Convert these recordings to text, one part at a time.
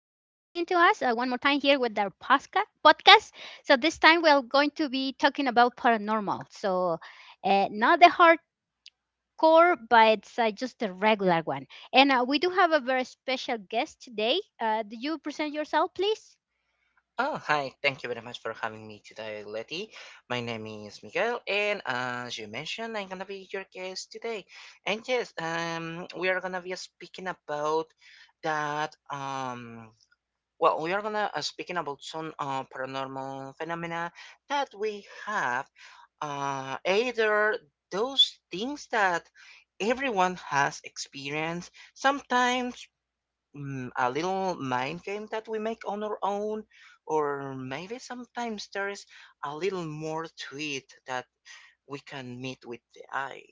to us one more time here with our podcast. So this time we're going to be talking about paranormal. So not the hardcore, but it's just the regular one. And we do have a very special guest today. Do you present yourself, please? Oh, hi. Thank you very much for having me today, Letty. My name is Miguel, and as you mentioned, I'm gonna be your guest today. And yes, we are gonna be speaking about that. Well, we are gonna speaking about some paranormal phenomena that we have. Either those things that everyone has experienced, sometimes a little mind game that we make on our own, or maybe sometimes there is a little more to it that we can meet with the eye.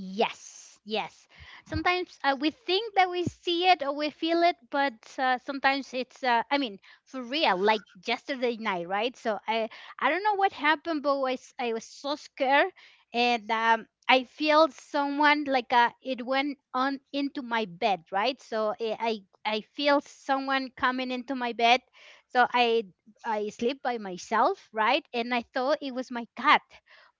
Yes, yes. Sometimes we think that we see it or we feel it, but sometimes it's I mean, for real, like yesterday night, right? So I don't know what happened, but I was so scared and I feel someone like it went on into my bed, right? So I feel someone coming into my bed. So I sleep by myself, right? And I thought it was my cat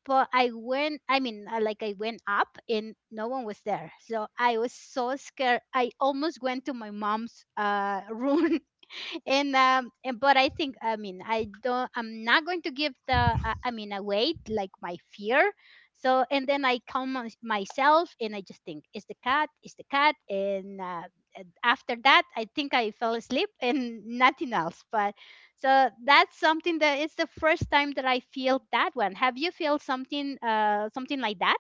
but I went, I mean, like I went up and no one was there. So I was so scared. I almost went to my mom's room and but I think, I mean, I don't, I'm not going to give the I mean a weight like my fear. So and then I myself and I just think is the cat and after that I think I fell asleep and nothing else. But so that's something that it's the first time that I feel that one. Have you feel something something like that?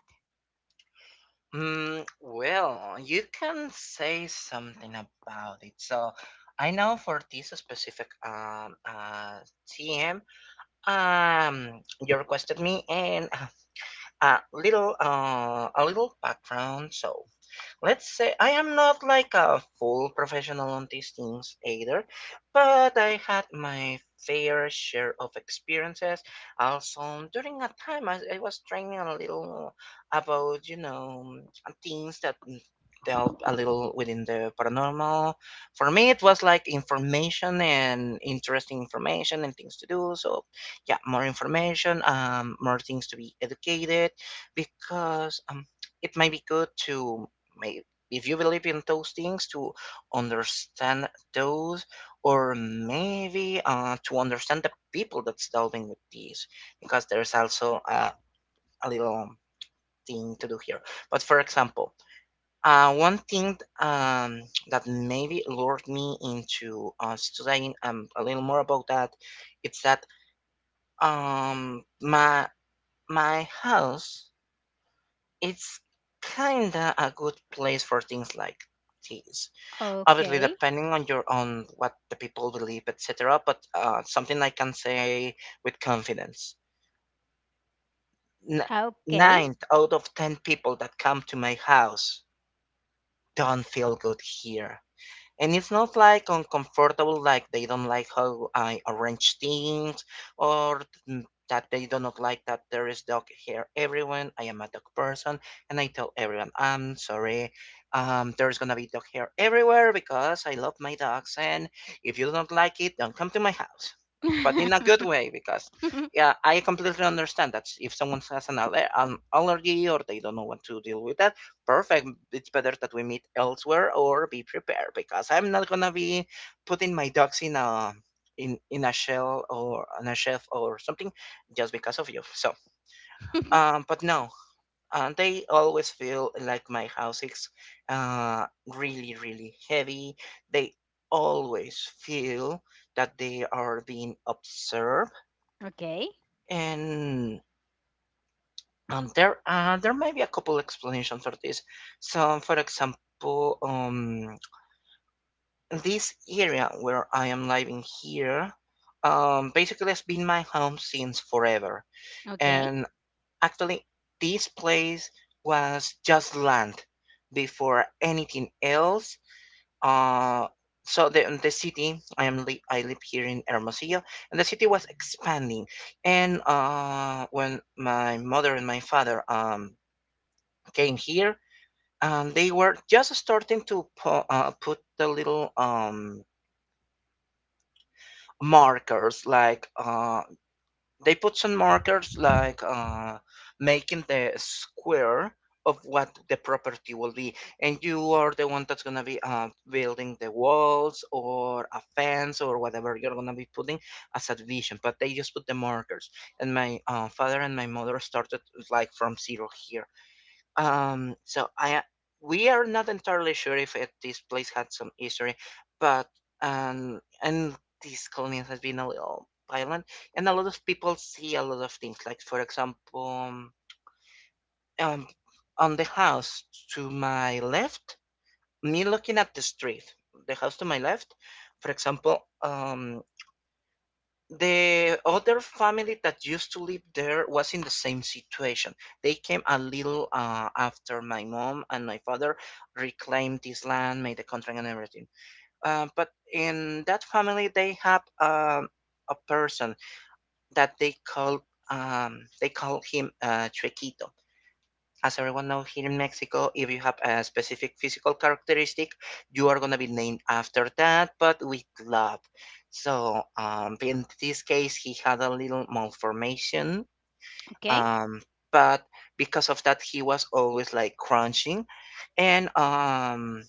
Well, you can say something about it. So I know for this specific TM, um, you requested me and a little background. So let's say I am not like a full professional on these things either, but I had my fair share of experiences. Also, during a time I was training a little about, things that dealt a little within the paranormal. For me, it was like information and interesting information and things to do. So, yeah, more information, more things to be educated because it might be good to may- if you believe in those things to understand those or maybe to understand the people that's dealing with these, because there's also a little thing to do here. But for example, one thing that maybe lured me into studying a little more about that, it's that um, my my house, it's kinda a good place for things like this, obviously Okay, depending on your own, what the people believe, etc. But something I can say with confidence, N- okay. nine out of ten people that come to my house don't feel good here. And it's not like uncomfortable, like they don't like how I arrange things, or th- that they do not like that there is dog here. Everyone, I am a dog person, and I tell everyone, I'm sorry, there's gonna be dog hair everywhere because I love my dogs, and if you don't like it, don't come to my house. But in a good way, because yeah, I completely understand that if someone has an allergy, or they don't know what to deal with that, perfect. It's better that we meet elsewhere or be prepared, because I'm not gonna be putting my ducks in a shell or on a shelf or something just because of you. So, but no, they always feel like my house is uh really really heavy. They always feel that they are being observed. Okay, okay, And um, there may be a couple explanations for this. So, for example, this area where I am living here, basically has been my home since forever. okay, And actually, this place was just land before anything else. Uh, so the city, I live here in Hermosillo, and the city was expanding. And when my mother and my father, came here, and they were just starting to put the little, markers, like, they put some markers, like, making the square of what the property will be, and you are the one that's going to be building the walls or a fence or whatever you're going to be putting as a vision. But they just put the markers, and my father and my mother started like from zero here. Um, so I we are not entirely sure if this place had some history, but and this colony has been a little violent, and a lot of people see a lot of things. Like, for example, um, on the house to my left, me looking at the street, the house to my left, for example, the other family that used to live there was in the same situation. They came a little after my mom and my father reclaimed this land, made the contract and everything. But in that family, they have, a person that they call him, Chuequito. As everyone knows, here in Mexico, if you have a specific physical characteristic, you are gonna be named after that, but with love. So, in this case, he had a little malformation, okay, um, but because of that, he was always like crunching, and um,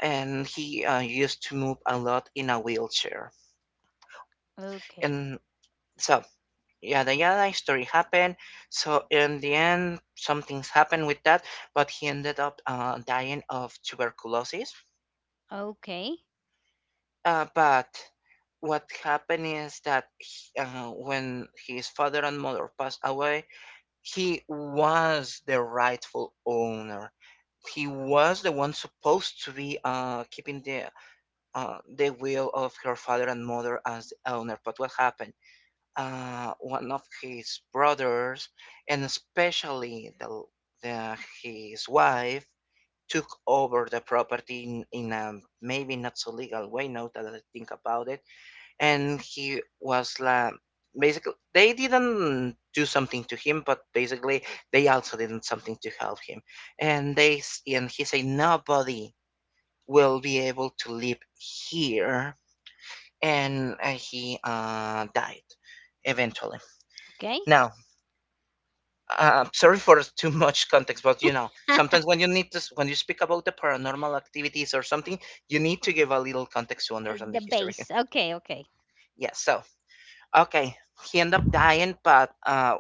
and he used to move a lot in a wheelchair. okay. And so, yeah, the Yada story happened. So in the end, some things happened with that, but he ended up dying of tuberculosis. Okay. But what happened is that when his father and mother passed away, he was the rightful owner, he was the one supposed to be keeping the will of her father and mother as the owner. But what happened, one of his brothers, and especially the his wife, took over the property, in a maybe not so legal way. Now that I think about it, and he was like, basically they didn't do something to him, but basically they also didn't something to help him, and they and he said nobody will be able to live here, and he died eventually. Okay. Now, sorry for too much context, but, you know, sometimes when you need this, when you speak about the paranormal activities or something, you need to give a little context to understand the The history. base. Okay. Okay. Yeah. So okay, he ended up dying, but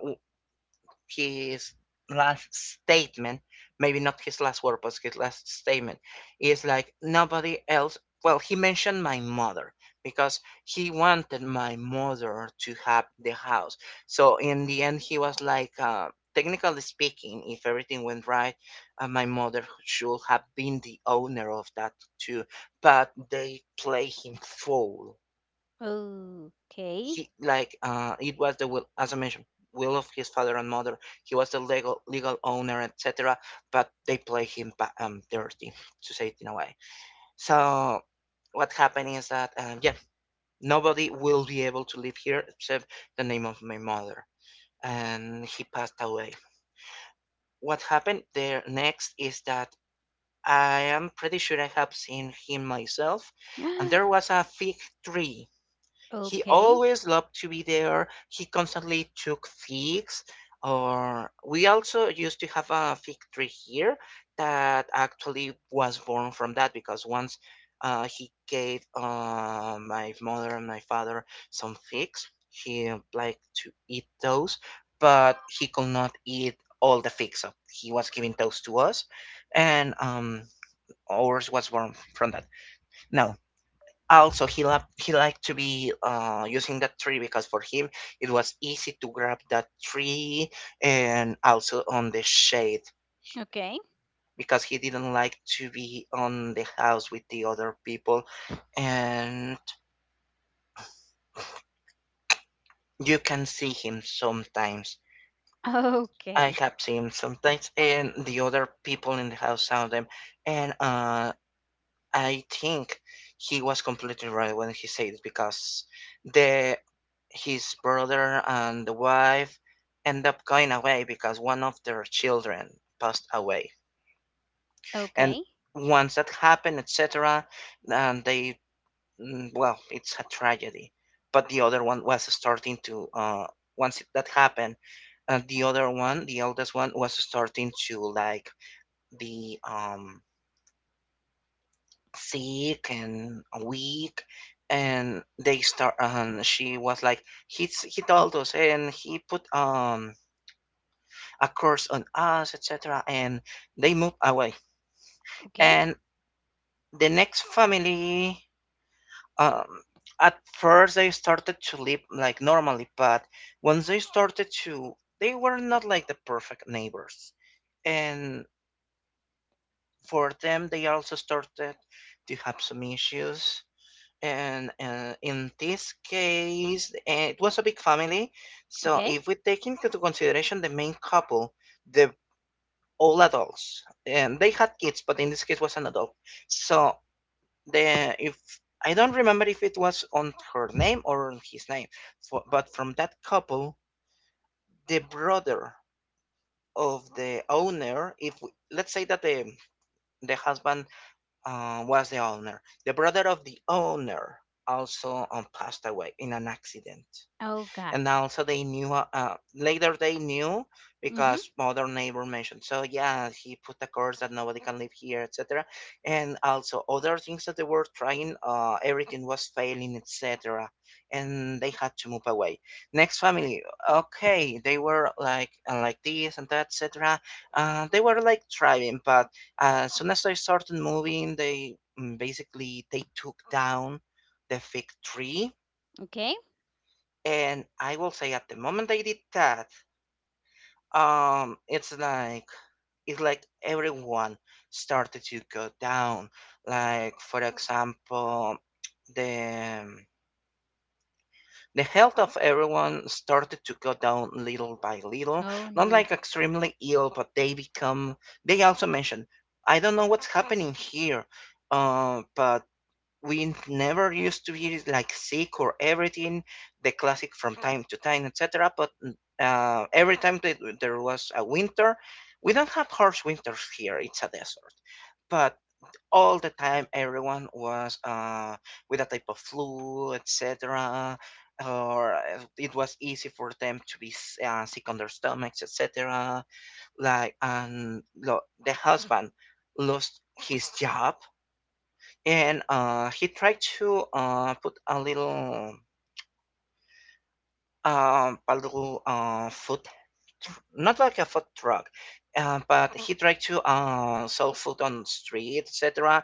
his last statement, maybe not his last word, but his last statement, is like nobody else. Well, he mentioned my mother because he wanted my mother to have the house. So in the end, he was like, technically speaking, if everything went right, my mother should have been the owner of that too. But they play him fool. Okay. He, like, it was the will, as I mentioned, will of his father and mother, he was the legal owner, etc. But they play him, dirty, to say it in a way. So what happened is that, yeah, nobody will be able to live here except the name of my mother, and he passed away. What happened there next is that I am pretty sure I have seen him myself. And there was a fig tree, he Okay. always loved to be there. He constantly took figs. Or we also used to have a fig tree here, that actually was born from that, because once, he gave, my mother and my father some figs, he liked to eat those, but he could not eat all the figs, so he was giving those to us, and ours was born from that. Now, also, he loved, he liked to be using that tree, because for him, it was easy to grab that tree, and also on the shade, Okay. because he didn't like to be on the house with the other people, and you can see him sometimes. I Okay. have seen sometimes, and the other people in the house saw them. And I think he was completely right when he said it, because the his brother and the wife end up going away because one of their children passed away. And Okay. once that happened, etc., and they well, it's a tragedy. But the other one was starting to, once that happened, the other one, the eldest one, was starting to like, the sick and weak, and they start, and she was like, he told us, and he put a curse on us, etc., and they moved away. Okay. And the next family, um at first they started to live like normally, but once they started to, they were not like the perfect neighbors, and for them, they also started to have some issues. And in this case, it was a big family. So Okay. if we take into consideration the main couple, the all adults, and they had kids, but in this case was an adult. So the if I don't remember if it was on her name or on his name, but from that couple, the brother of the owner, if we, let's say that the husband, was the owner, the brother of the owner also, passed away in an accident. Oh God. And also they knew later they knew because Mhm. other neighbor mentioned. So yeah, he put a curse that nobody can live here, etc. And also other things that they were trying, everything was failing, etc. And they had to move away. Next family, okay, they were like this and that, etc. They were like thriving, but as soon as they started moving, they basically they took down the fig tree. Okay. And I will say, at the moment I did that, it's like, it's like everyone started to go down. Like, for example, the the health of everyone started to go down little by little. Oh Not like no. extremely ill, but they become. They also mentioned, "I don't know what's happening here, but we never used to be like sick or everything, the classic from time to time, etc." But every time that there was a winter — we don't have harsh winters here, it's a desert — but all the time everyone was with a type of flu, etc. Or it was easy for them to be sick on their stomachs, etc. The husband lost his job, and he tried to put a little, a little food, not like a food truck, but he tried to sell food on street, etc.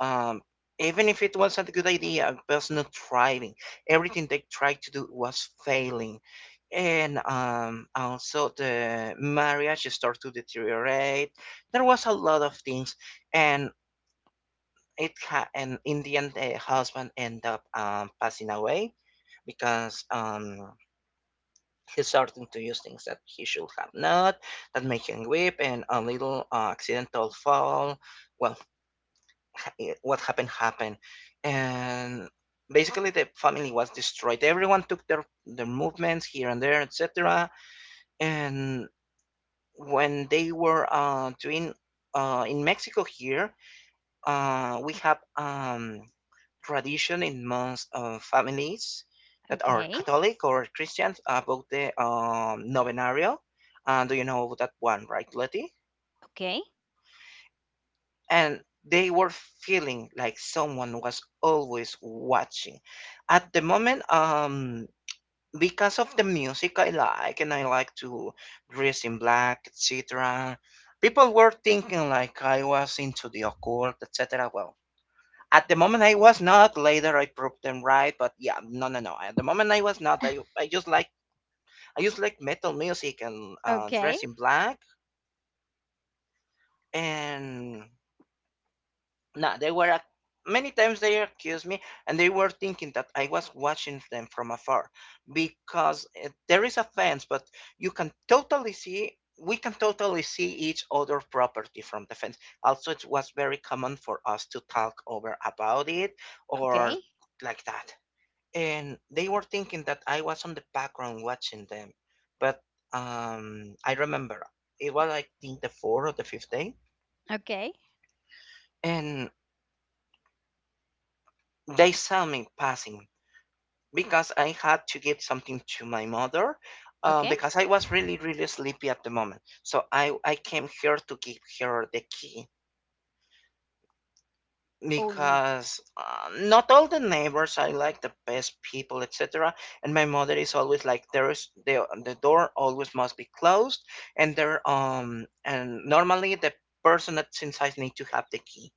um, Even if it wasn't a good idea, it was not thriving. Everything they tried to do was failing. And also the marriage started to deteriorate. There was a lot of things, and and in the end the husband end up passing away, because he's starting to use things that he should have not, that make him weep, and a little accidental fall. Well, what happened happened. And basically the family was destroyed. Everyone took their movements here and there, etc. And when they were doing, in Mexico here, we have tradition in most families that are Okay. Catholic or Christians about the novenario. Do you know that one, right, Letty? Okay. And they were feeling like someone was always watching. At the moment, because of the music I like, and I like to dress in black, etc., people were thinking like I was into the occult, etc. Well, at the moment I was not. Later I proved them right, but yeah, no, no, no. At the moment I was not. I just like, I just like metal music, and Okay. dress in black. And nah, many times they accused me, and they were thinking that I was watching them from afar, because there is a fence, but you can totally see. We can totally see each other property from the fence. Also, it was very common for us to talk over about it, or Okay. like that. And they were thinking that I was on the background watching them. But I remember it was, I think, the fourth or the fifth day, Okay. and they saw me passing because I had to give something to my mother. Okay. Because I was really, really sleepy at the moment, so I came here to give her the key, Oh no. because not all the neighbors I like the best people, etc. And my mother is always like, there is the door always must be closed. And there, and normally the person that's inside need to have the key.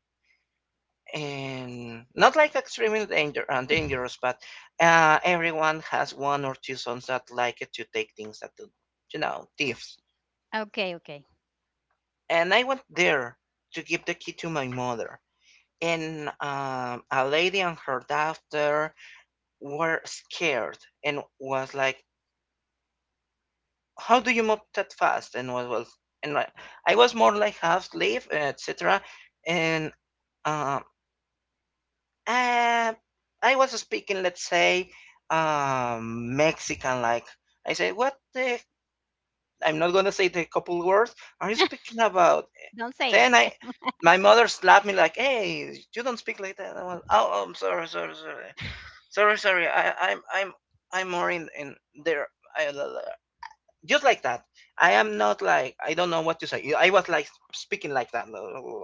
And not like extremely danger, dangerous, but everyone has one or two sons that like it to take things that do, you know, thieves. Okay. Okay. And I went there to give the key to my mother. And a lady and her daughter were scared, and was like, "How do you move that fast?" And was, and I was more like half slave, etc. And um, uh, I was speaking, let's say, Mexican. Like I said, "What the?" I'm not gonna say the couple words. Are you speaking about? Don't say it. Then I, my mother slapped me like, "Hey, you don't speak like that." I was, "Oh, oh, I'm sorry, sorry, sorry, sorry, sorry. I'm more in there." I, just like that. I am not, like, I don't know what to say. I was like speaking like that.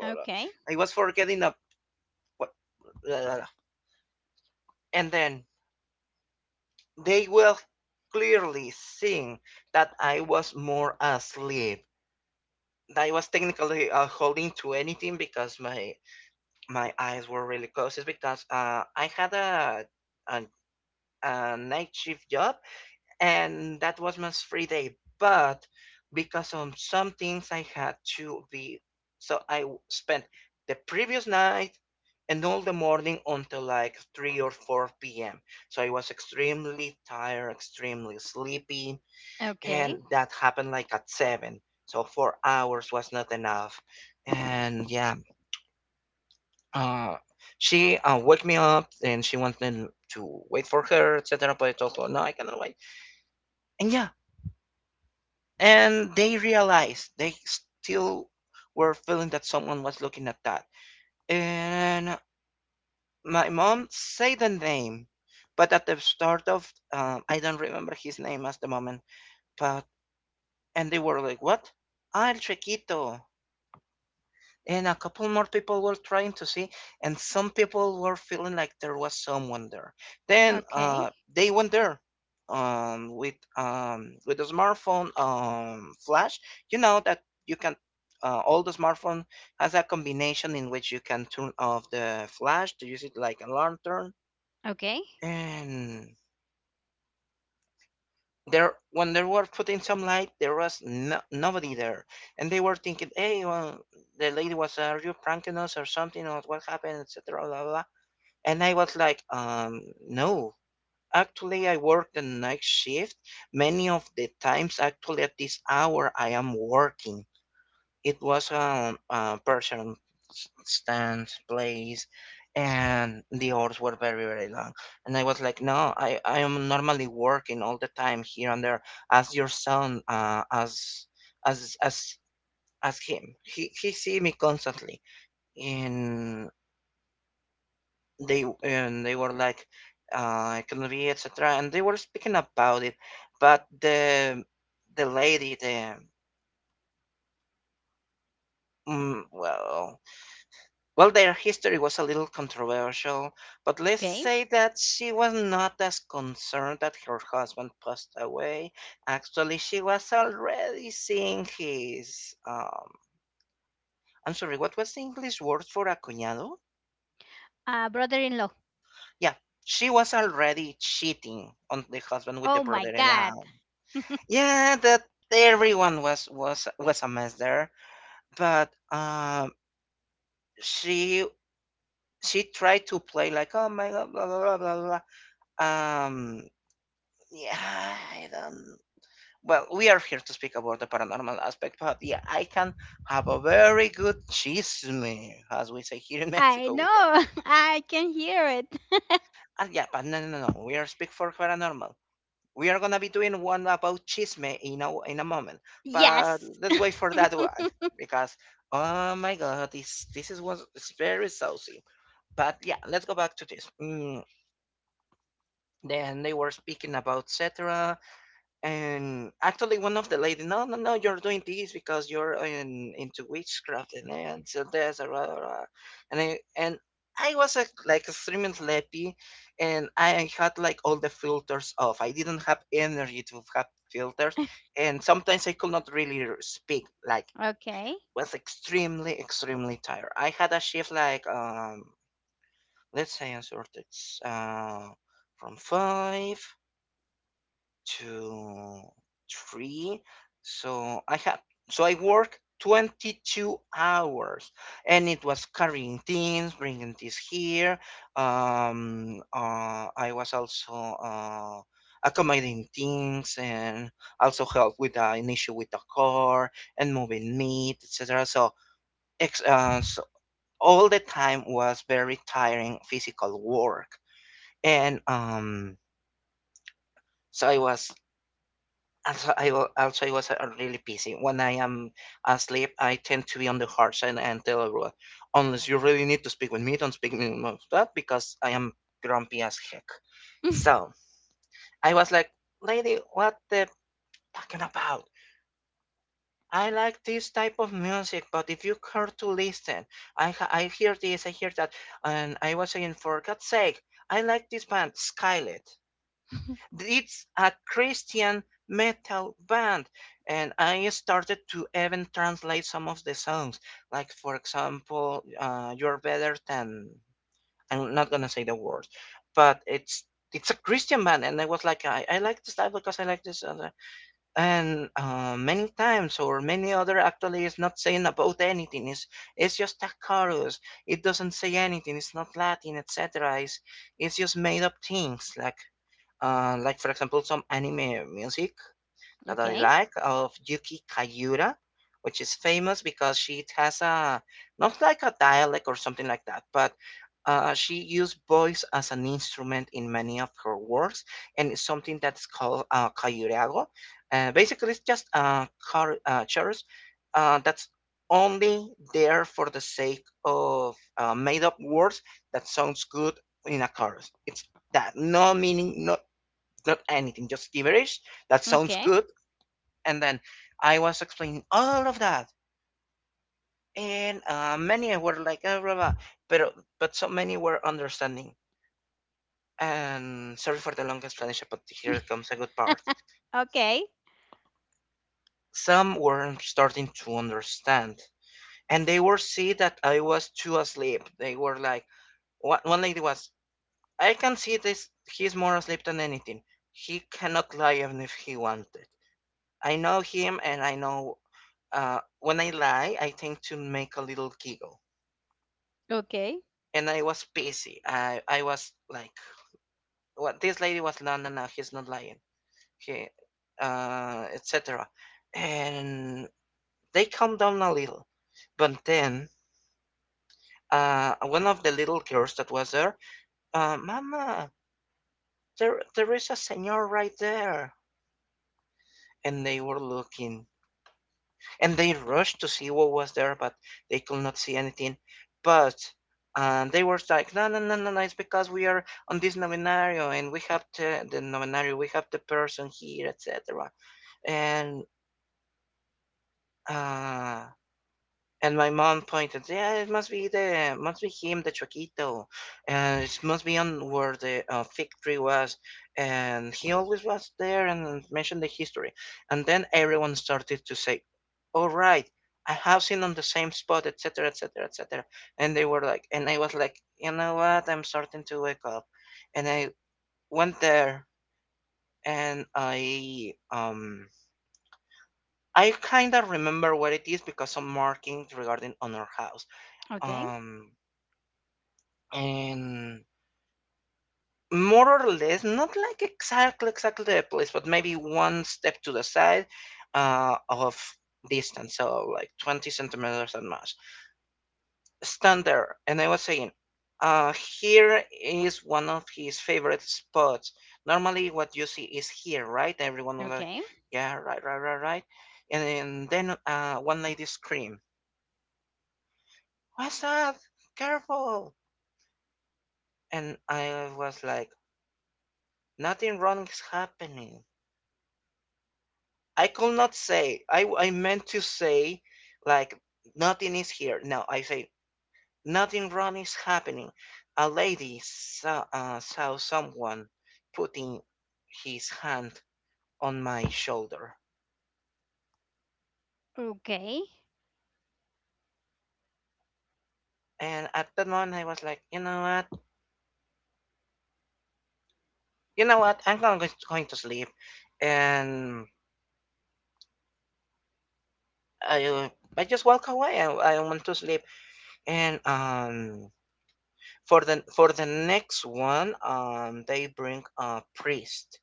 Okay. I was forgetting the, and then they were clearly seeing that I was more asleep. I was technically holding to anything because my eyes were really closed. It's because I had a a night shift job, and that was my free day. But because of some things I had to be, so I spent the previous night and all the morning until like 3 or 4 p.m. So I was extremely tired, extremely sleepy, and Okay. that happened like at 7. So 4 hours was not enough. And yeah, uh, she woke me up and she wanted to wait for her, etc. But I told her, no, I cannot wait. And yeah, and they realized they still were feeling that someone was looking at that. And my mom said the name, but at the start of, I don't remember his name at the moment, but, and they were like, "What? Al chiquito?" And a couple more people were trying to see, and some people were feeling like there was someone there. Then Okay. They went there with a smartphone, flash. You know that you can, all the smartphone has a combination in which you can turn off the flash to use it like a lantern. Okay. And there, when they were putting some light, there was no, nobody there. And they were thinking, "Hey, well," the lady was, "are you pranking us or something, or what happened, etc., blah, blah, blah?" And I was like, no, actually, I work the night shift. Many of the times, actually at this hour I am working. It was a person stands place, and the hours were very, very long. And I was like, no, I I am normally working all the time here and there. As your son, as as as him, he see me constantly. And they and they were like, economy, etc., and they were speaking about it. But the lady, the, well, well, their history was a little controversial, but let's Okay. say that she was not as concerned that her husband passed away. Actually, she was already seeing his. I'm sorry, what was the English word for a cuñado? Uh, brother-in-law. Yeah, she was already cheating on the husband with the Oh my God. brother-in-law. Yeah, that everyone was was a mess there. But she she tried to play like, "Oh my god, blah, blah, blah, blah, blah." Um, yeah, I don't. Well, we are here to speak about the paranormal aspect, but yeah, I can have a very good chisme, as we say here in I Mexico with her. know. I can hear it. And yeah, but no, no, no, no, we are speak for paranormal. We are gonna be doing one about chisme in a moment, but Yes. let's wait for that one, because, oh my god, this is was it's very saucy. But yeah, let's go back to this. Mm, then they were speaking about, "Cetera, and actually, one of the lady, no, no, no, you're doing this because you're into witchcraft and so there's a rah, rah, rah." And I, and I was like extremely sleepy, and I had like all the filters off. I didn't have energy to have filters, and sometimes I could not really speak. Like, Okay. was extremely, extremely tired. I had a shift like, let's say, I started uh, from 5, 2, three. So I have, so I work 22 hours, and it was carrying things, bringing things here. I was also, uh, accommodating things, and also help with an issue with the car, and moving meat, etc. So, so all the time was very tiring physical work. And, so I was also, also I was really busy. When I am asleep, I tend to be on the harsh side and tell everyone, unless you really need to speak with me, don't speak with me about that, because I am grumpy as heck. So I was like, "Lady, what the talking about? I like this type of music, but if you care to listen, I hear this, I hear that." And I was saying, for God's sake, I like this band, Skylet. It's a Christian metal band. And I started to even translate some of the songs. Like, for example, You're Better Than. I'm not gonna say the words, but it's a Christian band. And I was like, I like this type because I like this other. And many times, or many other, actually, is not saying about anything. It's just a chorus. It doesn't say anything. It's not Latin, etc. It's just made up things, like for example some anime music that I Okay. like of Yuki Kayura, which is famous because she has a, not like a dialect or something like that, but she used voice as an instrument in many of her works. And it's something that's called kayurago. Basically, it's just chorus that's only there for the sake of made up words that sounds good in a chorus. It's that no meaning, no not anything, just gibberish. That sounds Okay. good. And then I was explaining all of that, and many were like, blah, blah, but but so many were understanding. And sorry for the long explanation, but here comes a good part. Okay. Some were starting to understand, and they were see that I was too asleep. They were like, one lady was, I can see this. He's more asleep than anything. He cannot lie even if he wanted. I know him, and I know. When I lie, I tend to make a little giggle. Okay. And I was busy. I was like, what this lady was, no, no, no, he's not lying. He, etc. And they calmed down a little. But then, one of the little girls that was there, Mama, there is a senor right there. And they were looking, and they rushed to see what was there, but they could not see anything. But and they were like, no, no, no, no, no, it's because we are on this novenario and we have the novenario, we have the person here, etc. And uh, and my mom pointed, yeah, it must be must be him, the Chuequito. And it must be on where the fig tree was. And he always was there and mentioned the history. And then everyone started to say, all right, I have seen on the same spot, etc., etc., etc. And they were like, and I was like, you know what? I'm starting to wake up. And I went there and I kind of remember what it is because some markings regarding on our house. Okay. Um, and more or less not like exactly the place but maybe one step to the side of distance so like 20 centimeters at most stand there and I was saying, uh, here is one of his favorite spots. Normally what you see is here, right? Everyone was like, Okay. yeah, right, right, right, right. And then one lady screamed, what's that? Careful. And I was like, nothing wrong is happening. I could not say. I meant to say like nothing is here. No, I say nothing wrong is happening. A lady saw, saw someone putting his hand on my shoulder, Okay. and at that moment I was like, you know what, I'm going going to sleep, and I uh, I just walk away. I want to sleep, and for the next one they bring a priest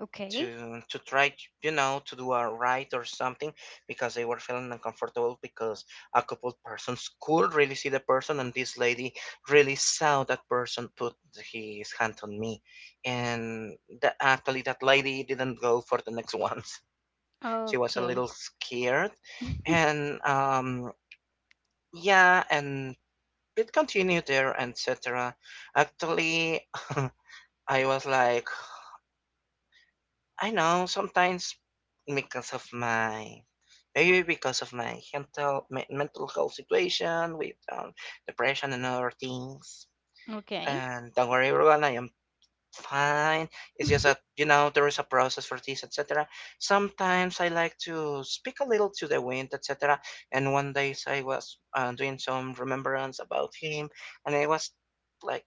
Okay. To try, you know, to do a right or something, because they were feeling uncomfortable because a couple persons could really see the person and this lady really saw that person put his hand on me. And that actually that lady didn't go for the next ones. She was a Okay. little scared. And yeah. And it continued there, etc. Actually, I was like, I know sometimes because of my, maybe because of my mental mental health situation with depression and other things. Okay. And don't worry, everyone, I am fine. It's just that, you know, there is a process for this, etc. Sometimes I like to speak a little to the wind, etc. And one day I was doing some remembrance about him, and I was like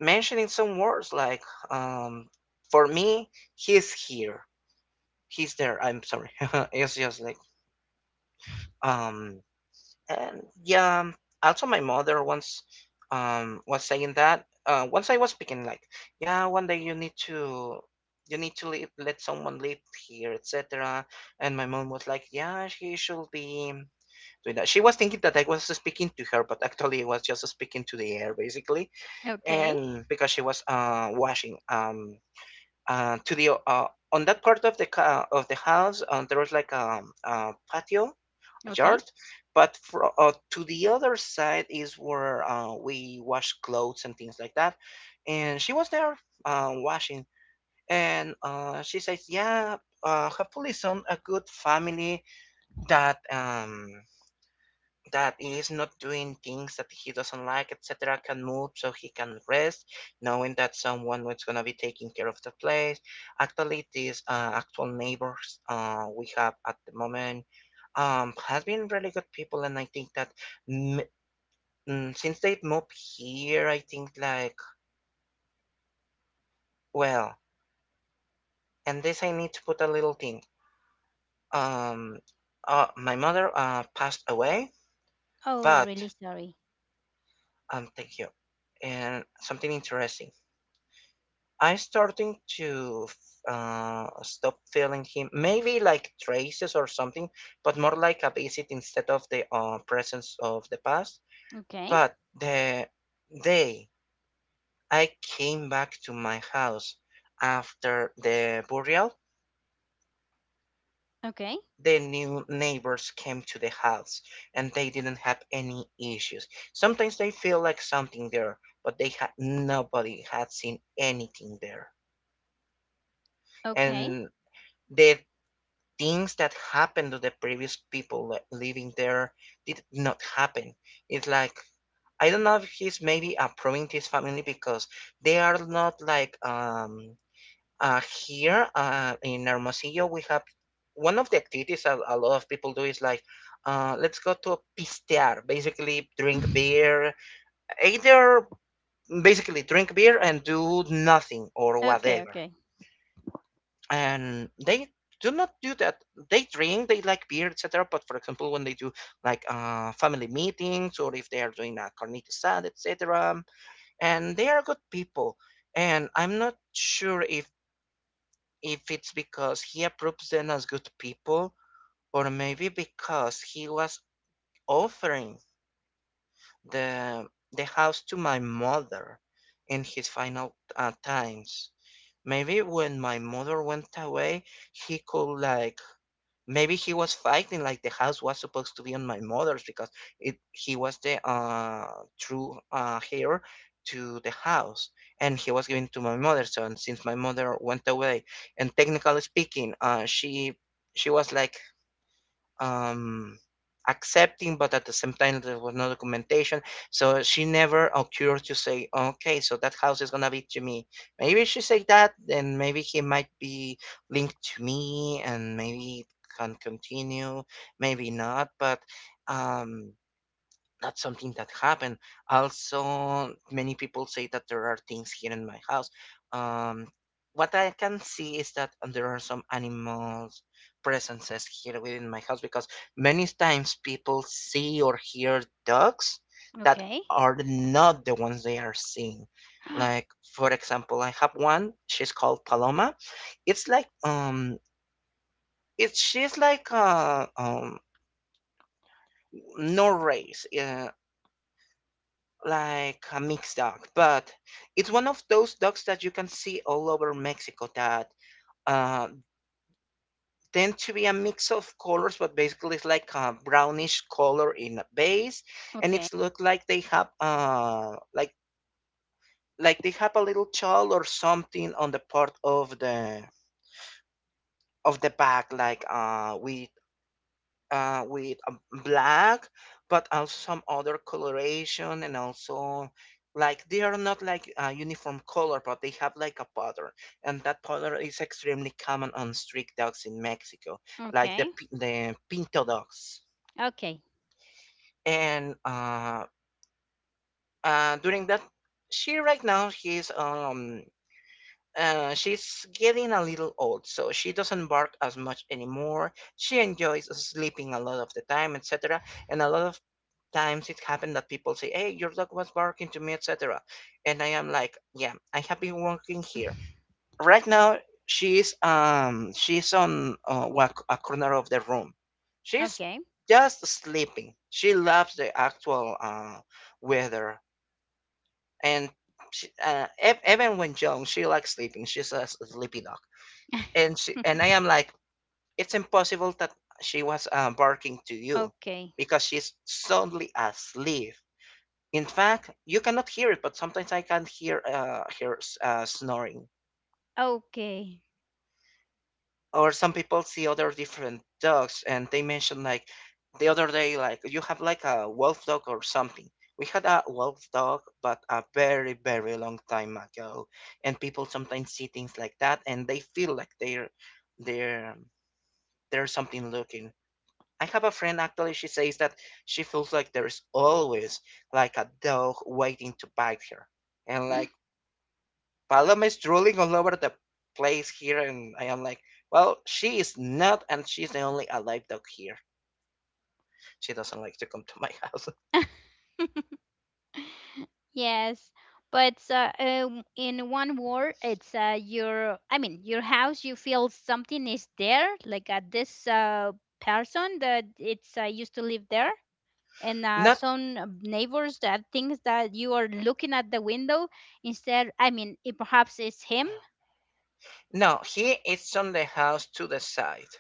mentioning some words like, um, "For me, he's here." He's there. I'm sorry. It's just like um and yeah. Also, my mother once was saying that once I was speaking like, yeah, one day you need to, you need to leave, let someone live here, etc. And my mom was like, yeah, she should be doing that. She was thinking that I was speaking to her, but actually I was just speaking to the air basically. Okay. And because she was washing, to the on that part of the of the house, there was like a patio, a Okay. yard, but for, to the other side is where we wash clothes and things like that, and she was there washing, and she says, yeah, hopefully some a good family that that is not doing things that he doesn't like, etc., can move so he can rest, knowing that someone is going to be taking care of the place. Actually, these actual neighbors we have at the moment has been really good people, and I think that m- since they've moved here, I think like, well, and this I need to put a little thing. Um, my mother passed away, Oh, but really sorry. Thank you. And something interesting. I starting to stop feeling him, maybe like traces or something, but more like a visit instead of the presence of the past. Okay. But the day I came back to my house after the burial, Okay. the new neighbors came to the house and they didn't have any issues. Sometimes they feel like something there, but they had nobody had seen anything there. Okay. And they things that happened to the previous people living there did not happen. It's like I don't know if he's maybe approving this family because they are not like uh here in Hermosillo we have one of the activities a lot of people do is like let's go to pistear, basically drink beer either, basically drink beer and do nothing or whatever. Okay. And they do not do that. They drink, they like beer, etc., but for example when they do like family meetings or if they are doing a carnita sad, etc., and they are good people. And I'm not sure if it's because he approves them as good people, or maybe because he was offering the the house to my mother in his final times. Maybe when my mother went away he could like, maybe he was fighting like the house was supposed to be on my mother's because it, he was the true heir to the house, and he was given to my mother. So and since my mother went away, and technically speaking, she was like um accepting, but at the same time there was no documentation, so she never occurred to say, okay, so that house is gonna be to me. Maybe she said that, then maybe he might be linked to me and maybe it can continue, maybe not, but um that's something that happened. Also, many people say that there are things here in my house. Um, what I can see is that there are some animals presences here within my house because many times people see or hear dogs that Okay. Okay. are not the ones they are seeing. Like for example, I have one. She's called Paloma. It's like it's she's like no race. Like a mixed dog, but it's one of those dogs that you can see all over Mexico that uh, tend to be a mix of colors, but basically it's like a brownish color in a base, and Okay. it's look like they have like they have a little child or something on the part of the back, like with a black, but also some other coloration, and also like they are not like a uniform color, but they have like a pattern, and that pattern is extremely common on street dogs in Mexico, like the the pinto dogs. Okay. Okay. And during that, she right now she's getting a little old, so she doesn't bark as much anymore. She enjoys sleeping a lot of the time, etc., and a lot of times it happened that people say, "Hey, your dog was barking to me," etc. And I am like, "Yeah, I have been working here right now."" She's she's on a corner of the room. She's Okay. just sleeping. She loves the actual weather, and she, even when young, she likes sleeping. She's a sleepy dog, and I am like, it's impossible that she was barking to you because she's soundly asleep. In fact, you cannot hear it, but sometimes I can hear snoring. Okay. Or some people see other different dogs and they mention like the other day like you have like a wolf dog or something. We had a wolf dog, but a very very long time ago, and people sometimes see things like that and they feel like they're there's something looking. I have a friend actually. She says that she feels like there's always like a dog waiting to bite her, and Okay. like Paloma is drooling all over the place here, and I am like, well, she is not, and she's the only alive dog here. She doesn't like to come to my house. Yes, but in one word, it's your, I mean, your house. You feel something is there, like this person that it's used to live there, and Not, some neighbors that thinks that you are looking at the window instead. I mean, it, perhaps it's him. no, he is on the house to the side.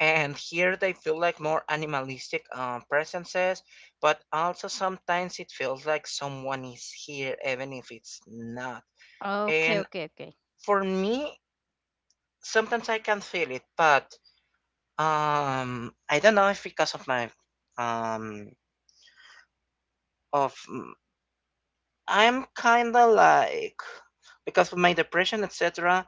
And here they feel like more animalistic presences, but also sometimes it feels like someone is here, even if it's not. Okay, And okay, okay, for me, sometimes I can feel it, but I don't know if because of my um, of I'm kinda like because of my depression, etc.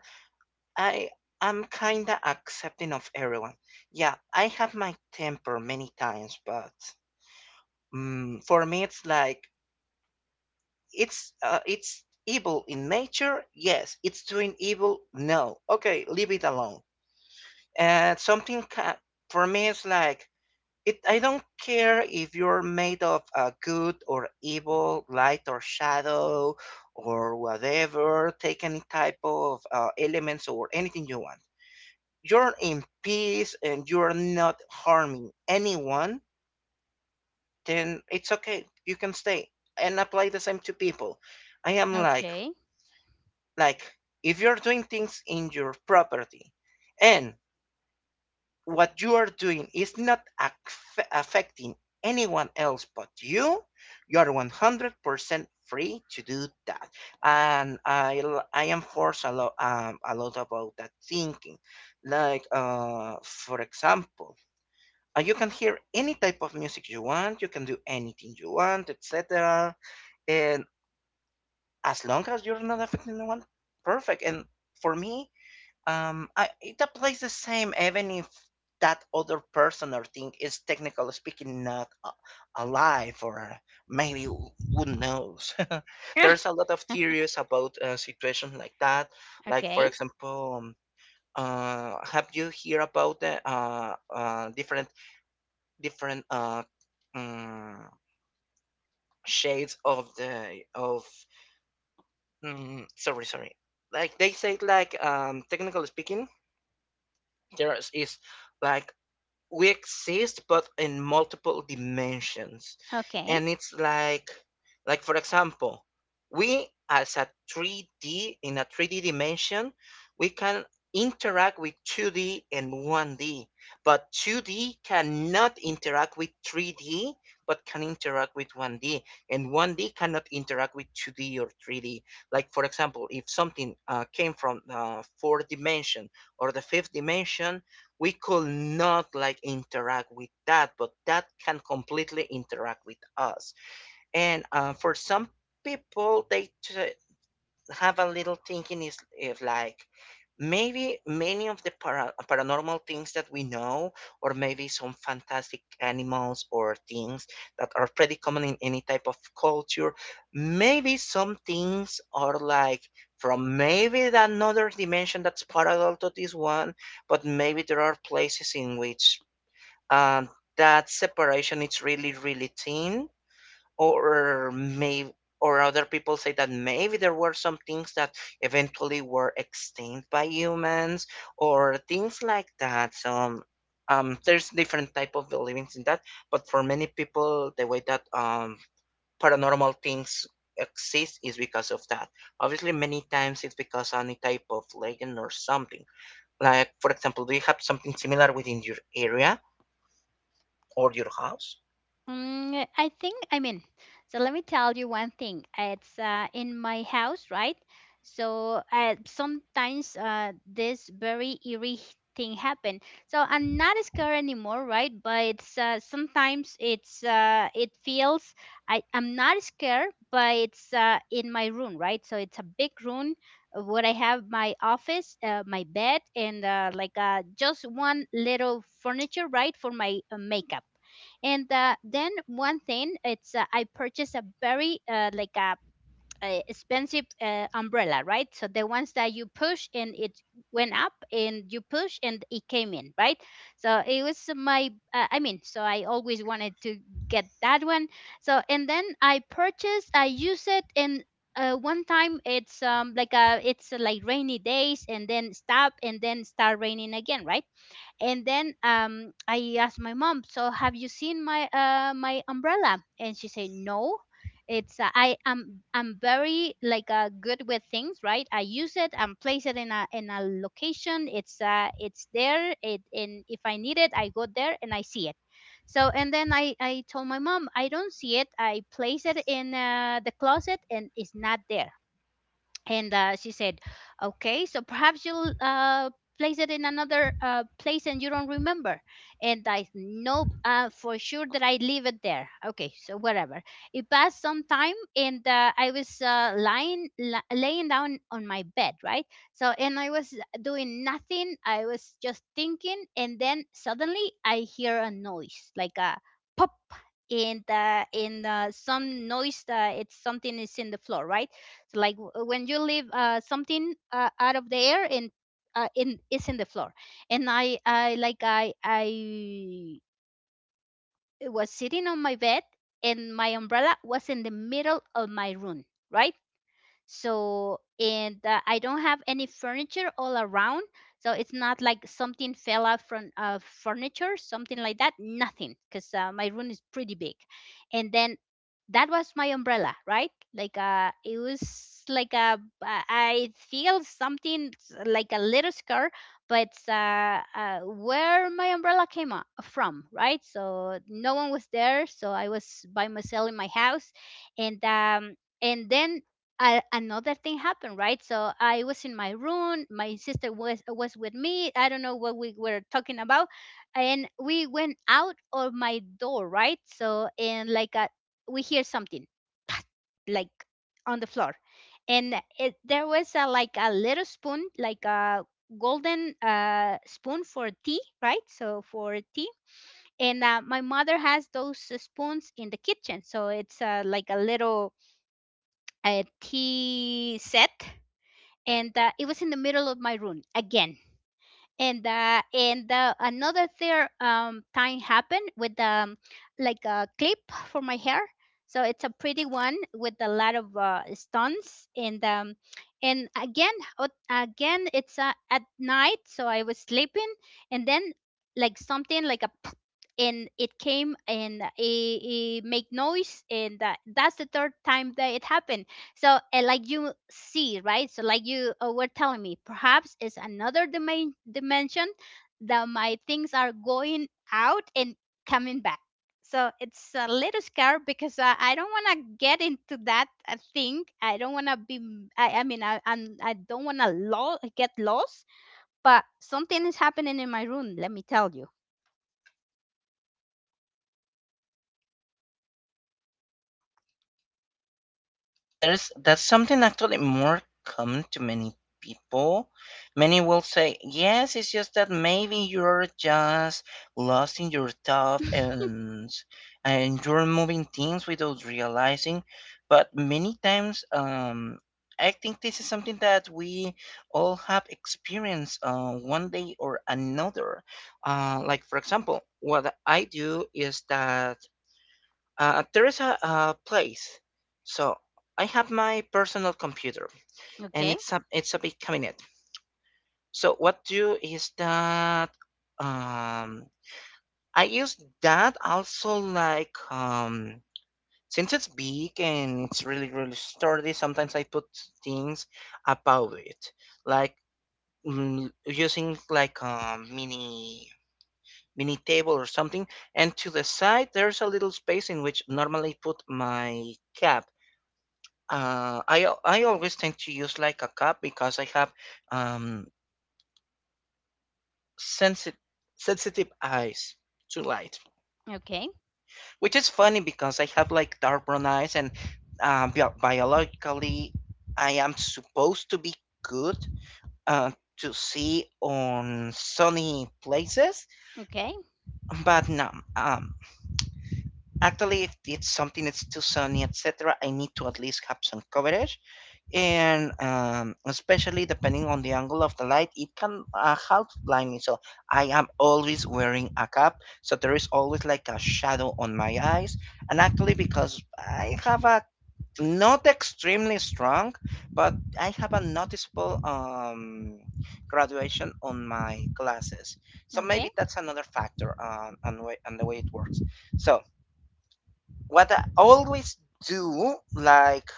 I I'm kinda accepting of everyone. Yeah, I have my temper many times, but for me it's like it's evil in nature. Yes, it's doing evil. No, okay, leave it alone. And for me it's like It I don't care if you're made of good or evil, light or shadow, or whatever. Take any type of elements or anything you want. You're in peace and you're not harming anyone. Then it's okay. You can stay and apply the same to people. I am like okay, like if you're doing things in your property, and what you are doing is not affecting anyone else but you are 100% free to do that. And I enforce a lot about that thinking. Like, for example, you can hear any type of music you want, you can do anything you want, etc. And as long as you're not affecting anyone, perfect. And for me, it applies the same even if that other person or thing is technically speaking not a- alive, or maybe who knows. There's a lot of theories about situations like that, like for okay, example have you hear about the different um, shades of the of. Sorry, like they say, like technically speaking there is, like, we exist but in multiple dimensions. okay. And it's like for example, we as a 3D, in a 3D dimension, we can interact with 2D and 1D, but 2D cannot interact with 3D but can interact with 1D, and 1D cannot interact with 2D or 3D. Like for example if something came from the fourth dimension or the fifth dimension, we could not like interact with that, but that can completely interact with us. And for some people, they have a little thinking, is if like maybe many of the paranormal things that we know, or maybe some fantastic animals or things that are pretty common in any type of culture, maybe some things are like from maybe the another dimension that's parallel to this one. But maybe there are places in which uh, that separation is really really thin. Or may or other people say that maybe there were some things that eventually were extinct by humans, or things like that. So there's different type of beliefs in that. But for many people, the way that paranormal things exist is because of that. Obviously many times it's because any type of legend or something. Like for example, do you have something similar within your area or your house? Mm, I think, I mean, so let me tell you one thing. It's in my house, right? So sometimes this very eerie thing happen. So I'm not scared anymore, right? But it's sometimes it feels, I'm not scared, but it's in my room, right? So it's a big room where I have my office, my bed, and just one little furniture, right, for my makeup. And then one thing, it's I purchased a very a expensive umbrella, right? So the ones that you push and it went up, and you push and it came in, right? So it was my I mean, so I always wanted to get that one. So and then I purchased, I use it, and one time it's like a, it's like rainy days and then stop and then start raining again, right? And then I asked my mom, so have you seen my my umbrella? And she said no. It's I'm very like good with things, right? I use it and place it in a, in a location. It's uh, it's there, it and if I need it, I go there and I see it. So and then I told my mom, I don't see it. I place it in the closet, and it's not there. And she said, okay, so perhaps you'll place it in another place and you don't remember. And I know for sure that I leave it there. Okay, so whatever. It passed some time, and I was lying la laying down on my bed, right? So and I was doing nothing. I was just thinking, and then suddenly I hear a noise like a pop. And some noise, it's something is in the floor, right? It's like when you leave something out of the air and in is in the floor. And I like I was sitting on my bed, and my umbrella was in the middle of my room, right? So, and I don't have any furniture all around. So it's not like something fell out from furniture, something like that. Nothing, because my room is pretty big. And then that was my umbrella, right? Like it was like a, I feel like a little scar, but where my umbrella came up from, right? So no one was there, so I was by myself in my house. And and then I, another thing happened, right? So I was in my room. My sister was with me. I don't know what we were talking about, and we went out of my door, right? So and like a, we hear something like on the floor, and it, there was a, like a little spoon, like a golden spoon for tea, right? So for tea. And my mother has those spoons in the kitchen, so it's like a little, a tea set. And it was in the middle of my room again. And another third time happened with like a clip for my hair. So it's a pretty one with a lot of stones. And and again, again, it's at night, so I was sleeping. And then like something like a and it came and it make noise. And that's the third time that it happened. So, and like you see, right? So like you were telling me, perhaps it's another domain, dimension, that my things are going out and coming back. So it's a little scary because I don't want to get into that thing. I don't want to be, I mean, I don't want to get lost, but something is happening in my room, let me tell you. There's that's something actually more common to many people. Many will say, "Yes, it's just that maybe you're just lost in your stuff and you're moving things without realizing." But many times, I think this is something that we all have experienced one day or another. Like for example, what I do is that there is a place. So I have my personal computer, and Okay, it's a big cabinet. So what do is that? Um, I use that also like since it's big and it's really really sturdy. Sometimes I put things above it, like, using like a mini table or something, and to the side there's a little space in which normally put my cap. I always tend to use like a cup because I have um sensitive sensitive eyes to light, okay, which is funny because I have like dark brown eyes and biologically I am supposed to be good uh, to see on sunny places, okay, but no. Um, Actually, if it's something that's too sunny, etc., I need to at least have some coverage. And especially depending on the angle of the light, it can help blind me. So I am always wearing a cap, so there is always like a shadow on my eyes. And actually, because I have a not extremely strong, but I have a noticeable graduation on my glasses. So okay, maybe that's another factor on the way it works. So what I always do, like,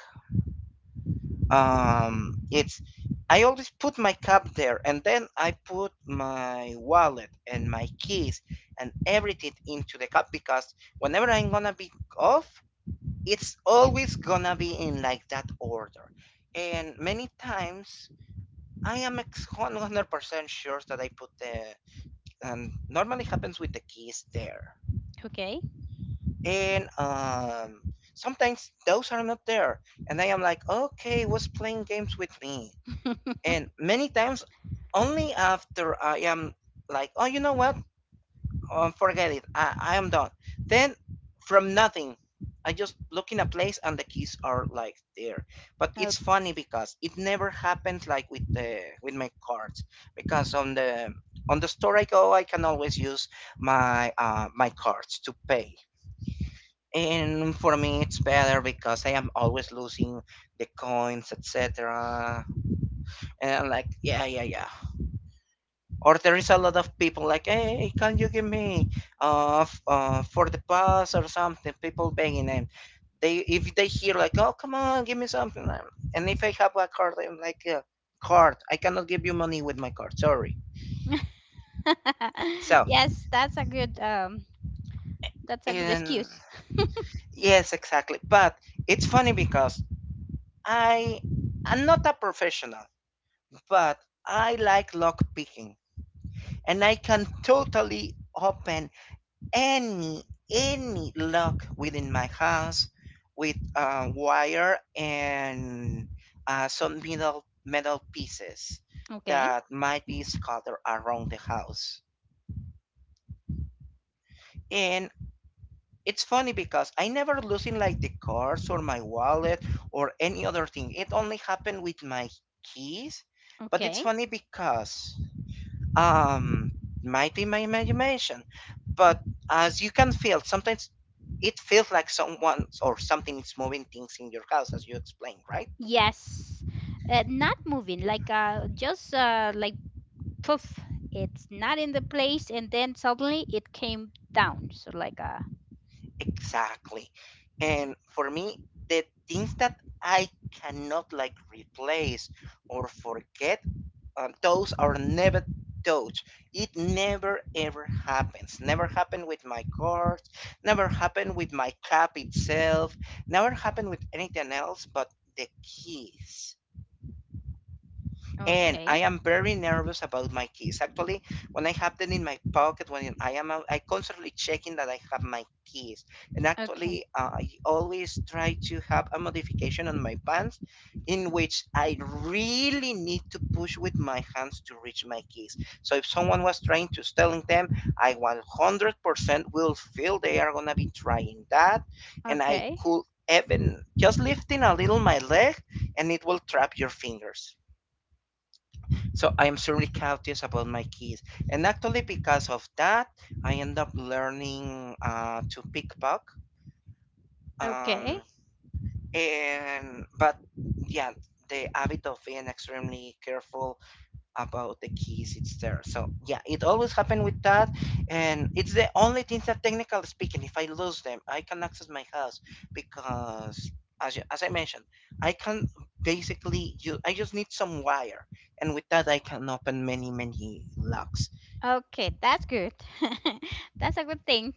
it's I always put my cup there and then I put my wallet and my keys and everything into the cup, because whenever I'm gonna be off it's always gonna be in like that order. And many times I am 100% sure that I put the, and normally happens with the keys there. okay. And sometimes those are not there, and I am like, okay, was playing games with me. And many times only after I am like, oh you know what, forget it, I am done. Then from nothing I just look in a place and the keys are like there. But Oh. it's funny because it never happens like with the with my cards. Because on the store I go I can always use my my cards to pay. And for me it's better because I am always losing the coins, etc. And I'm like yeah, yeah, yeah. Or there is a lot of people like, hey, hey, can you give me for the bus or something, people begging them. They, if they hear like, oh come on give me something, and if I have a card I'm like, card, I cannot give you money with my card, sorry. So, Yes, that's a good that's a good and excuse. yes, exactly, but it's funny because i I'm not a professional, but I like lock picking, and I can totally open any any lock within my house with wire and some metal pieces Okay. that might be scattered around the house. And it's funny because I never losing like the cards or my wallet or any other thing. It only happened with my keys. But it's Okay. funny because, Um, might be my imagination, but as you can feel, sometimes it feels like someone or something is moving things in your house, as you explained, right? Yes. Not moving, like just like poof, it's not in the place, and then suddenly it came down. So like Exactly. And for me, the things that I cannot like replace or forget, those are never touched. It never ever happens. Never happened with my cards. Never happened with my cup itself, never happened with anything else but the keys. And okay, I am very nervous about my keys. Actually, when I have them in my pocket, when I am out, I constantly checking that I have my keys. And okay, actually, I always try to have a modification on my pants in which I really need to push with my hands to reach my keys. So if someone was trying to stealing them, I 100% will feel they are gonna be trying that, and I okay, could even just lifting a little my leg, and it will trap your fingers. So I am extremely cautious about my keys. And actually, because of that, I end up learning to pickpocket. okay, Um, and but yeah, the habit of being extremely careful about the keys it's there. So yeah, it always happened with that, and it's the only thing that technically speaking if I lose them I can access my house because, as I mentioned, I can basically, you I just need some wire, and with that I can open many many locks. okay. That's good. That's a good thing.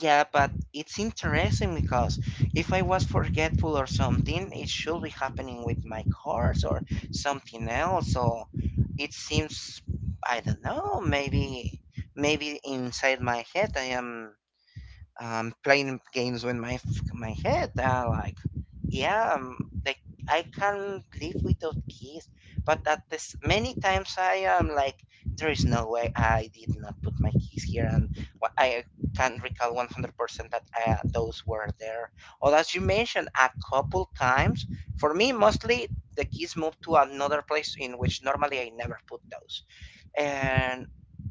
Yeah, but it's interesting because if I was forgetful or something, it should be happening with my cars or something else. So it seems, I don't know, maybe, maybe inside my head I am playing games with my my head. Like, yeah, like, I can't live without keys. But at this many times I am like, there is no way I did not put my keys here, and I can't recall 100% that those were there. Or as you mentioned, a couple times for me, mostly the keys moved to another place in which normally I never put those, and.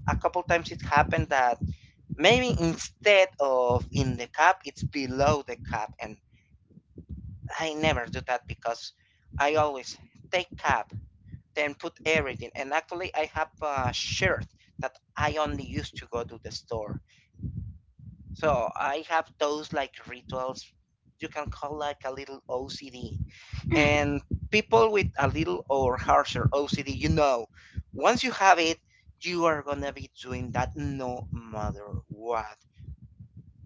A couple times it happened that maybe instead of in the cup, it's below the cup. And I never do that because I always take cup, then put everything. And actually, I have a shirt that I only use to go to the store. So I have those like rituals. You can call like a little OCD. And people with a little or harsher OCD, once you have it, you are gonna be doing that no matter what.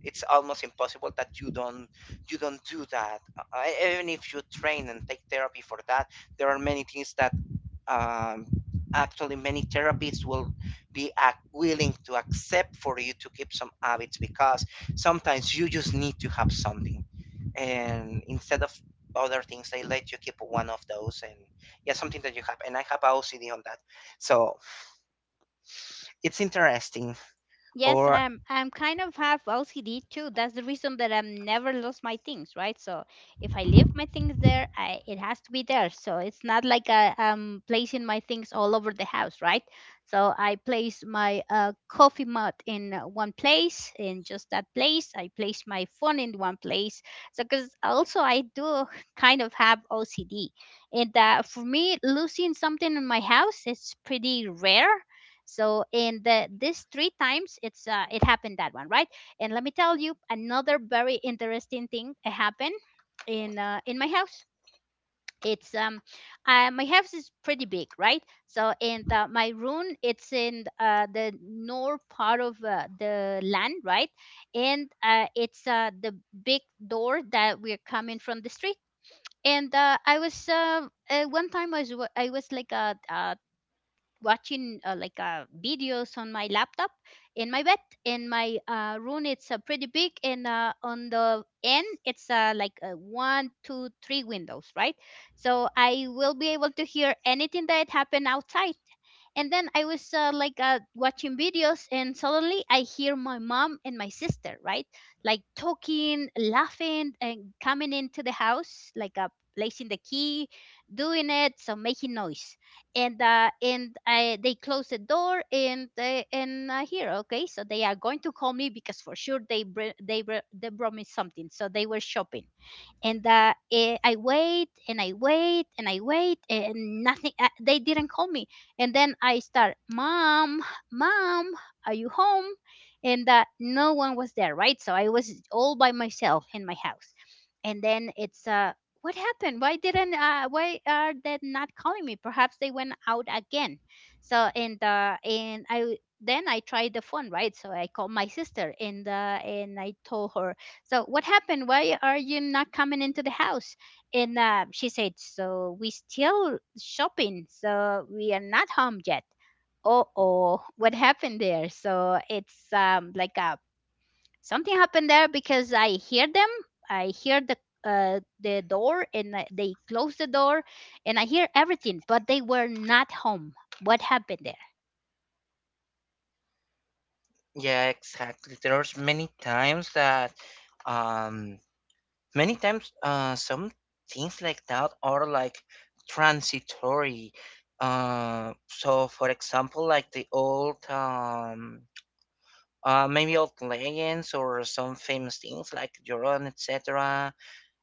It's almost impossible that you don't do that. Even if you train and take therapy for that, there are many things that um, actually many therapists will be willing to accept for you to keep some habits, because sometimes you just need to have something, and instead of other things they let you keep one of those. And yeah, something that you have, and I have OCD on that, so it's interesting Yes, or I'm kind of have LCD too. That's the reason that I've never lost my things, right? So if I leave my things there, it has to be there. So it's not like I'm placing my things all over the house, right? So I place my coffee mug in one place, in just that place. I place my phone in one place. So because also I do kind of have OCD, and for me losing something in my house, it's pretty rare. So in the, this three times it's it happened that one, right? And let me tell you another very interesting thing happened in my house. It's my house is pretty big, right? So and the, my room it's in the north part of the land, right? And it's the big door that we're coming from the street. And I was one time I was like watching like videos on my laptop in my bed, in my room. It's pretty big, and on the end it's like one two three windows, right? So I will be able to hear anything that happened outside. And then I was like watching videos, and suddenly I hear my mom and my sister, right? Like talking, laughing, and coming into the house, like placing the key, doing it, so making noise. And I, they close the door, and they, and I hear, okay, so they are going to call me because for sure they they brought me something, so they were shopping. And I wait and I wait and I wait and nothing. They didn't call me, and then I start, "Mom, mom, are you home?" And no one was there, right? So I was all by myself in my house, and then it's what happened? Why didn't why are they not calling me? Perhaps they went out again. So and I then I tried the phone, right? So I called my sister and I told her, so what happened? Why are you not coming into the house? And she said, so we still shopping, so we are not home yet. Oh oh, what happened there? So it's like a, something happened there because I hear them. I hear the door and they close the door, and I hear everything, but they were not home. What happened there? Yeah, exactly. There's um, many times some things like that are like transitory. So for example, like the maybe old legends or some famous things like Joron, etc.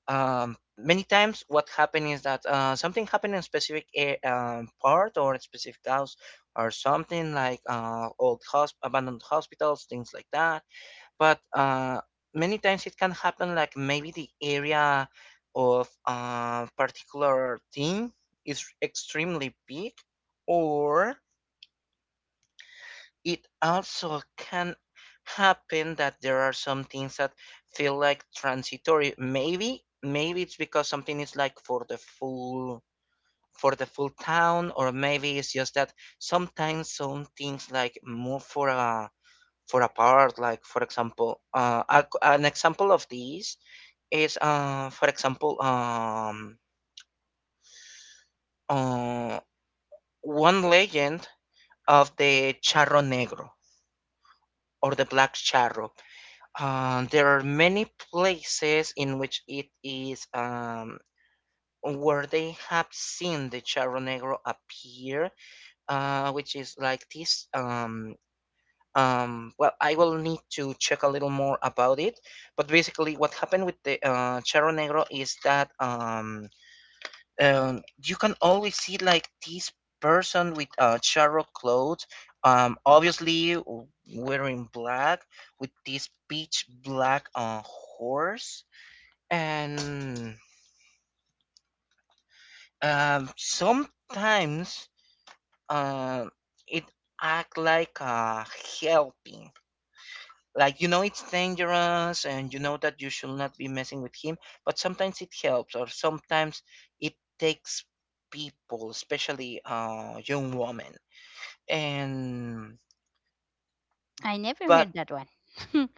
Many times what happened is that, something happened in a specific, part or a specific house, or something like, old hosp abandoned hospitals, things like that. But many times it can happen like maybe the area of a particular thing is extremely big, or it also can happen that there are some things that feel like transitory. Maybe it's because something is like for the full town, or maybe it's just that sometimes some things like move for a part. Like for example, an example of this is, for example, uh one legend of the charro negro, or the black charro. There are many places in which it is, where they have seen the charro negro appear, which is like this. Well, I will need to check a little more about it, but basically what happened with the charro negro is that, you can always see like this person with charro clothes, obviously wearing black, with this pitch black horse. And sometimes uh, it act like helping. Like, you know it's dangerous, and you know that you should not be messing with him. But sometimes it helps, or sometimes it takes people, especially young women. And I never but heard that one.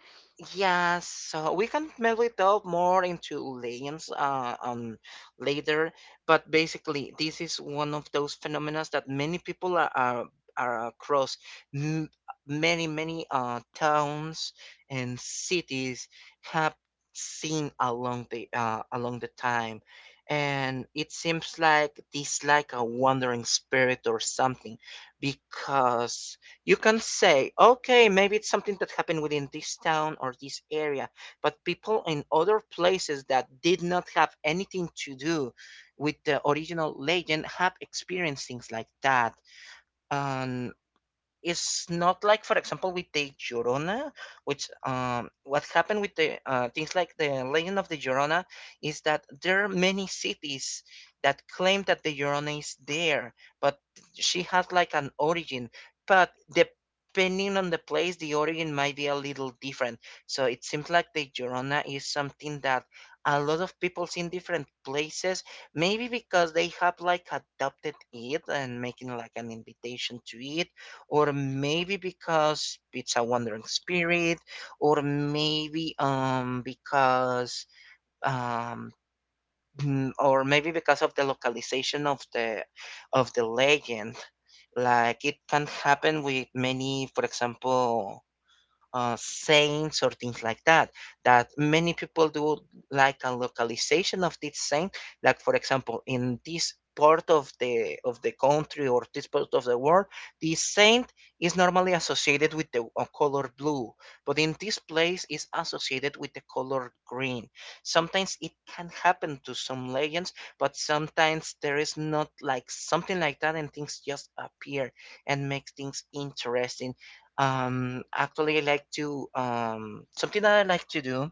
yeah, so we can maybe delve more into lanes later. But basically, this is one of those phenomena that many people are across m- many towns and cities have seen along the time. And it seems like this like a wandering spirit or something, because you can say, okay, maybe it's something that happened within this town or this area, but people in other places that did not have anything to do with the original legend have experienced things like that. And it's not like, for example, with the Llorona, which what happened with the things like the Legend of the Llorona is that there are many cities that claim that the Llorona is there, but she has like an origin. But depending on the place, the origin might be a little different. So it seems like the Llorona is something that a lot of people see in different places, maybe because they have like adopted it and making like an invitation to it, or maybe because it's a wandering spirit, or maybe because um mm, or maybe because of the localization of the legend. Like it can happen with many, for example, saints or things like that. That many people do like a localization of this saint. Like for example, in this part of the country or this part of the world, this saint is normally associated with the color blue, but in this place is associated with the color green. Sometimes it can happen to some legends, but sometimes there is not like something like that, and things just appear and make things interesting. Um, actually, I like to something that I like to do,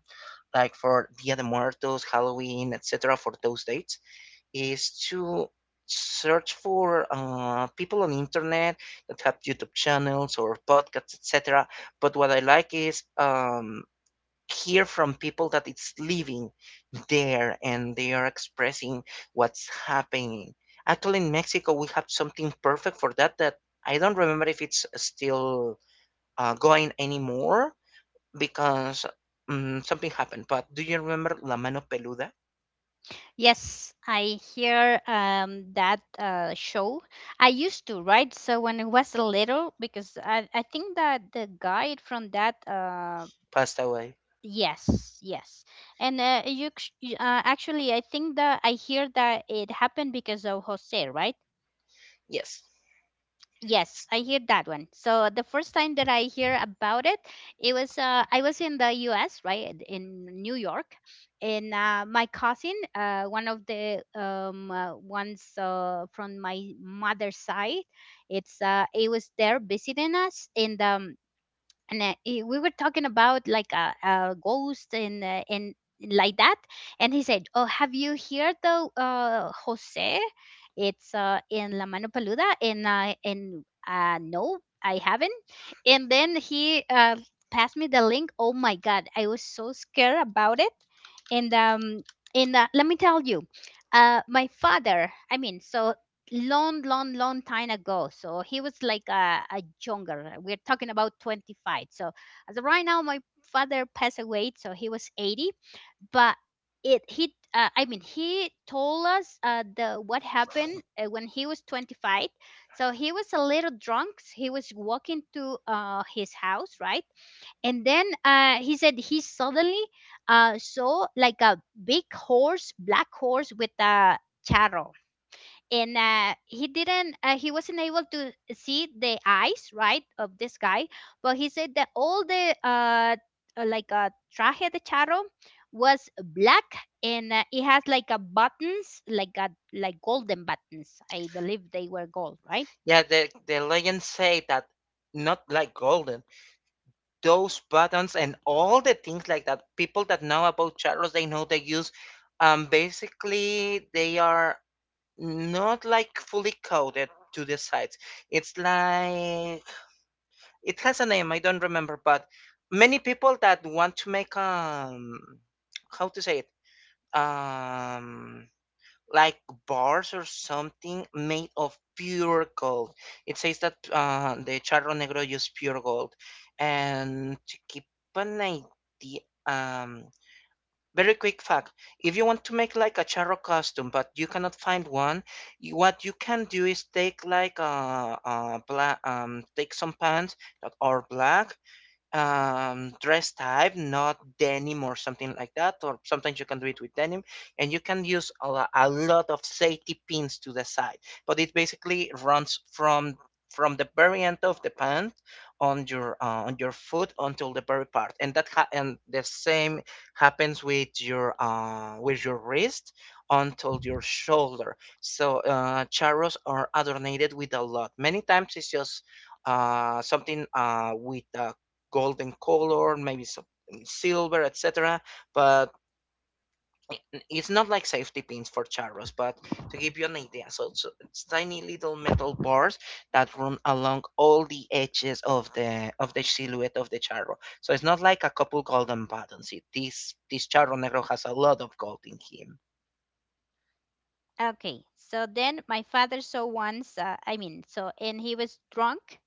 like for Dia de Muertos, Halloween, etc., for those dates, is to search for people on the internet that have YouTube channels or podcasts, etc. But what I like is hear from people that it's living there and they are expressing what's happening. Actually, in Mexico, we have something perfect for that. That I don't remember if it's still going anymore, because something happened. But do you remember La Mano Peluda Yes, I hear that show. I used to, right? So when I was little, because I think that the guide from that, passed away? yes, yes. And you, c- you- actually, I think that I hear that it happened because of Jose, right? Yes. Yes, I hear that one. So the first time that I hear about it, it was I was in the U.S. right in New York, and my cousin, one of the ones from my mother's side, it's it was there visiting us, and we were talking about like a ghost and like that, and he said, oh, have you heard the Jose? It's in La Mano Paluda. And I, and no, I haven't. And then he passed me the link. Oh my god, I was so scared about it. And um and uh, let me tell you, my father, I mean, so long long long time ago, so he was like a younger, we're talking about 25. So as of right now my father passed away, so he was 80. But it he I mean, he told us the what happened when he was 25. So he was a little drunk. So he was walking to his house, right? And then he said he suddenly saw like a big horse, black horse with a charro. And he didn't, he wasn't able to see the eyes, right, of this guy. But he said that all the like a traje de charro was black, and it has like a buttons like a like golden buttons, I believe they were gold, right? Yeah, the legends say that, not like golden, those buttons and all the things like that, people that know about charros, they know they use, basically, they are not like fully coded to the sides. It's like, it has a name, I don't remember, but many people that want to make, how to say it, um like bars or something made of pure gold. It says that the charro negro used pure gold. And to keep an idea, um, very quick fact: if you want to make like a charro costume, but you cannot find one, you, what you can do is take take some pants that are black, dress type, not denim or something like that, or sometimes you can do it with denim. And you can use a, a lot of safety pins to the side, but it basically runs from the very end of the pant on your foot until the very part. And and the same happens with your wrist until your shoulder. So charros are adorned with a lot, many times it's just something with a golden color, maybe some silver, etc. But it's not like safety pins for charros, but to give you an idea, so, so it's tiny little metal bars that run along all the edges of the silhouette of the charro. So it's not like a couple golden buttons. It, this charro negro has a lot of gold in him. Okay, so then my father saw once, I mean, so, and he was drunk,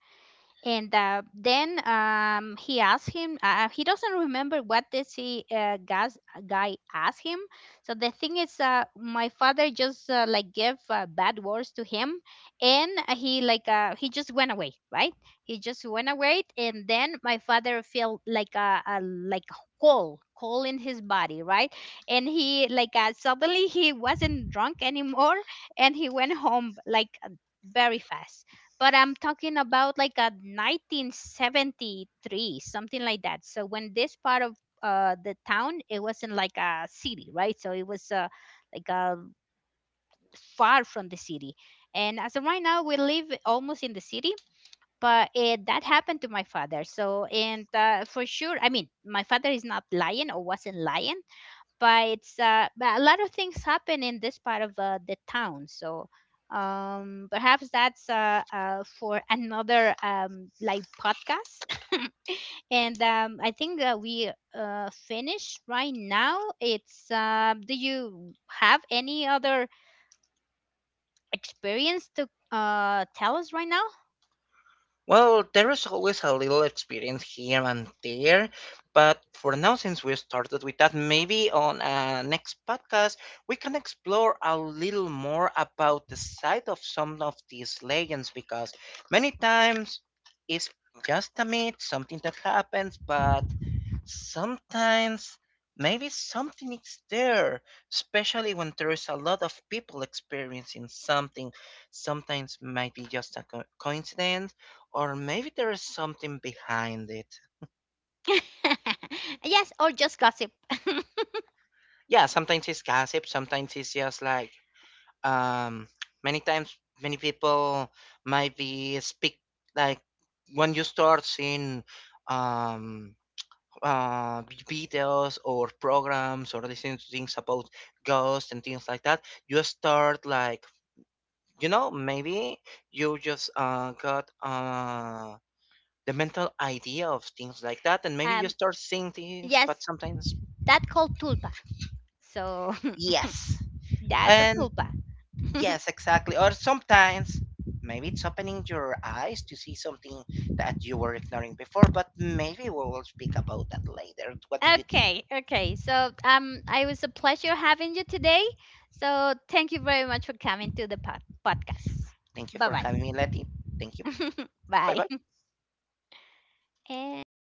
and then he asked him, he doesn't remember what this guy asked him. So the thing is my father just like gave bad words to him, and he just went away, right? He just went away, and then my father felt like a like cold in his body, right? And he suddenly he wasn't drunk anymore, and he went home very fast. But I'm talking about like a 1973, something like that. So when this part of the town, it wasn't like a city, right? So it was like uh, far from the city. And as of right now, we live almost in the city, but it, that happened to my father. So, and for sure, I mean, my father is not lying or wasn't lying, but it's but a lot of things happen in this part of the town. So perhaps that's for another like podcast. and I think we finish right now. It's do you have any other experience to tell us right now? Well, there is always a little experience here and there, but for now, since we started with that, maybe on a next podcast we can explore a little more about the side of some of these legends, because many times it's just a myth, something that happens. But sometimes maybe something is there, especially when there is a lot of people experiencing something. Sometimes might be just a coincidence, or maybe there is something behind it. Yes, or just gossip. Yeah, sometimes it's gossip, sometimes it's just like, um many times many people might be speak, like, when you start seeing, um uh, videos or programs or listening to things about ghosts and things like that, you start like, you know, maybe you just got the mental idea of things like that, and maybe you um start seeing things, yes, but sometimes, that called tulpa. So yes. that's a And tulpa. yes, exactly. Or sometimes, maybe it's opening your eyes to see something that you were ignoring before, but maybe we will speak about that later. What do you think? Okay, okay. So it was a pleasure having you today. So thank you very much for coming to the podcast. Thank you for Bye having me, Letty. Thank you. bye. Bye Bye. bye. And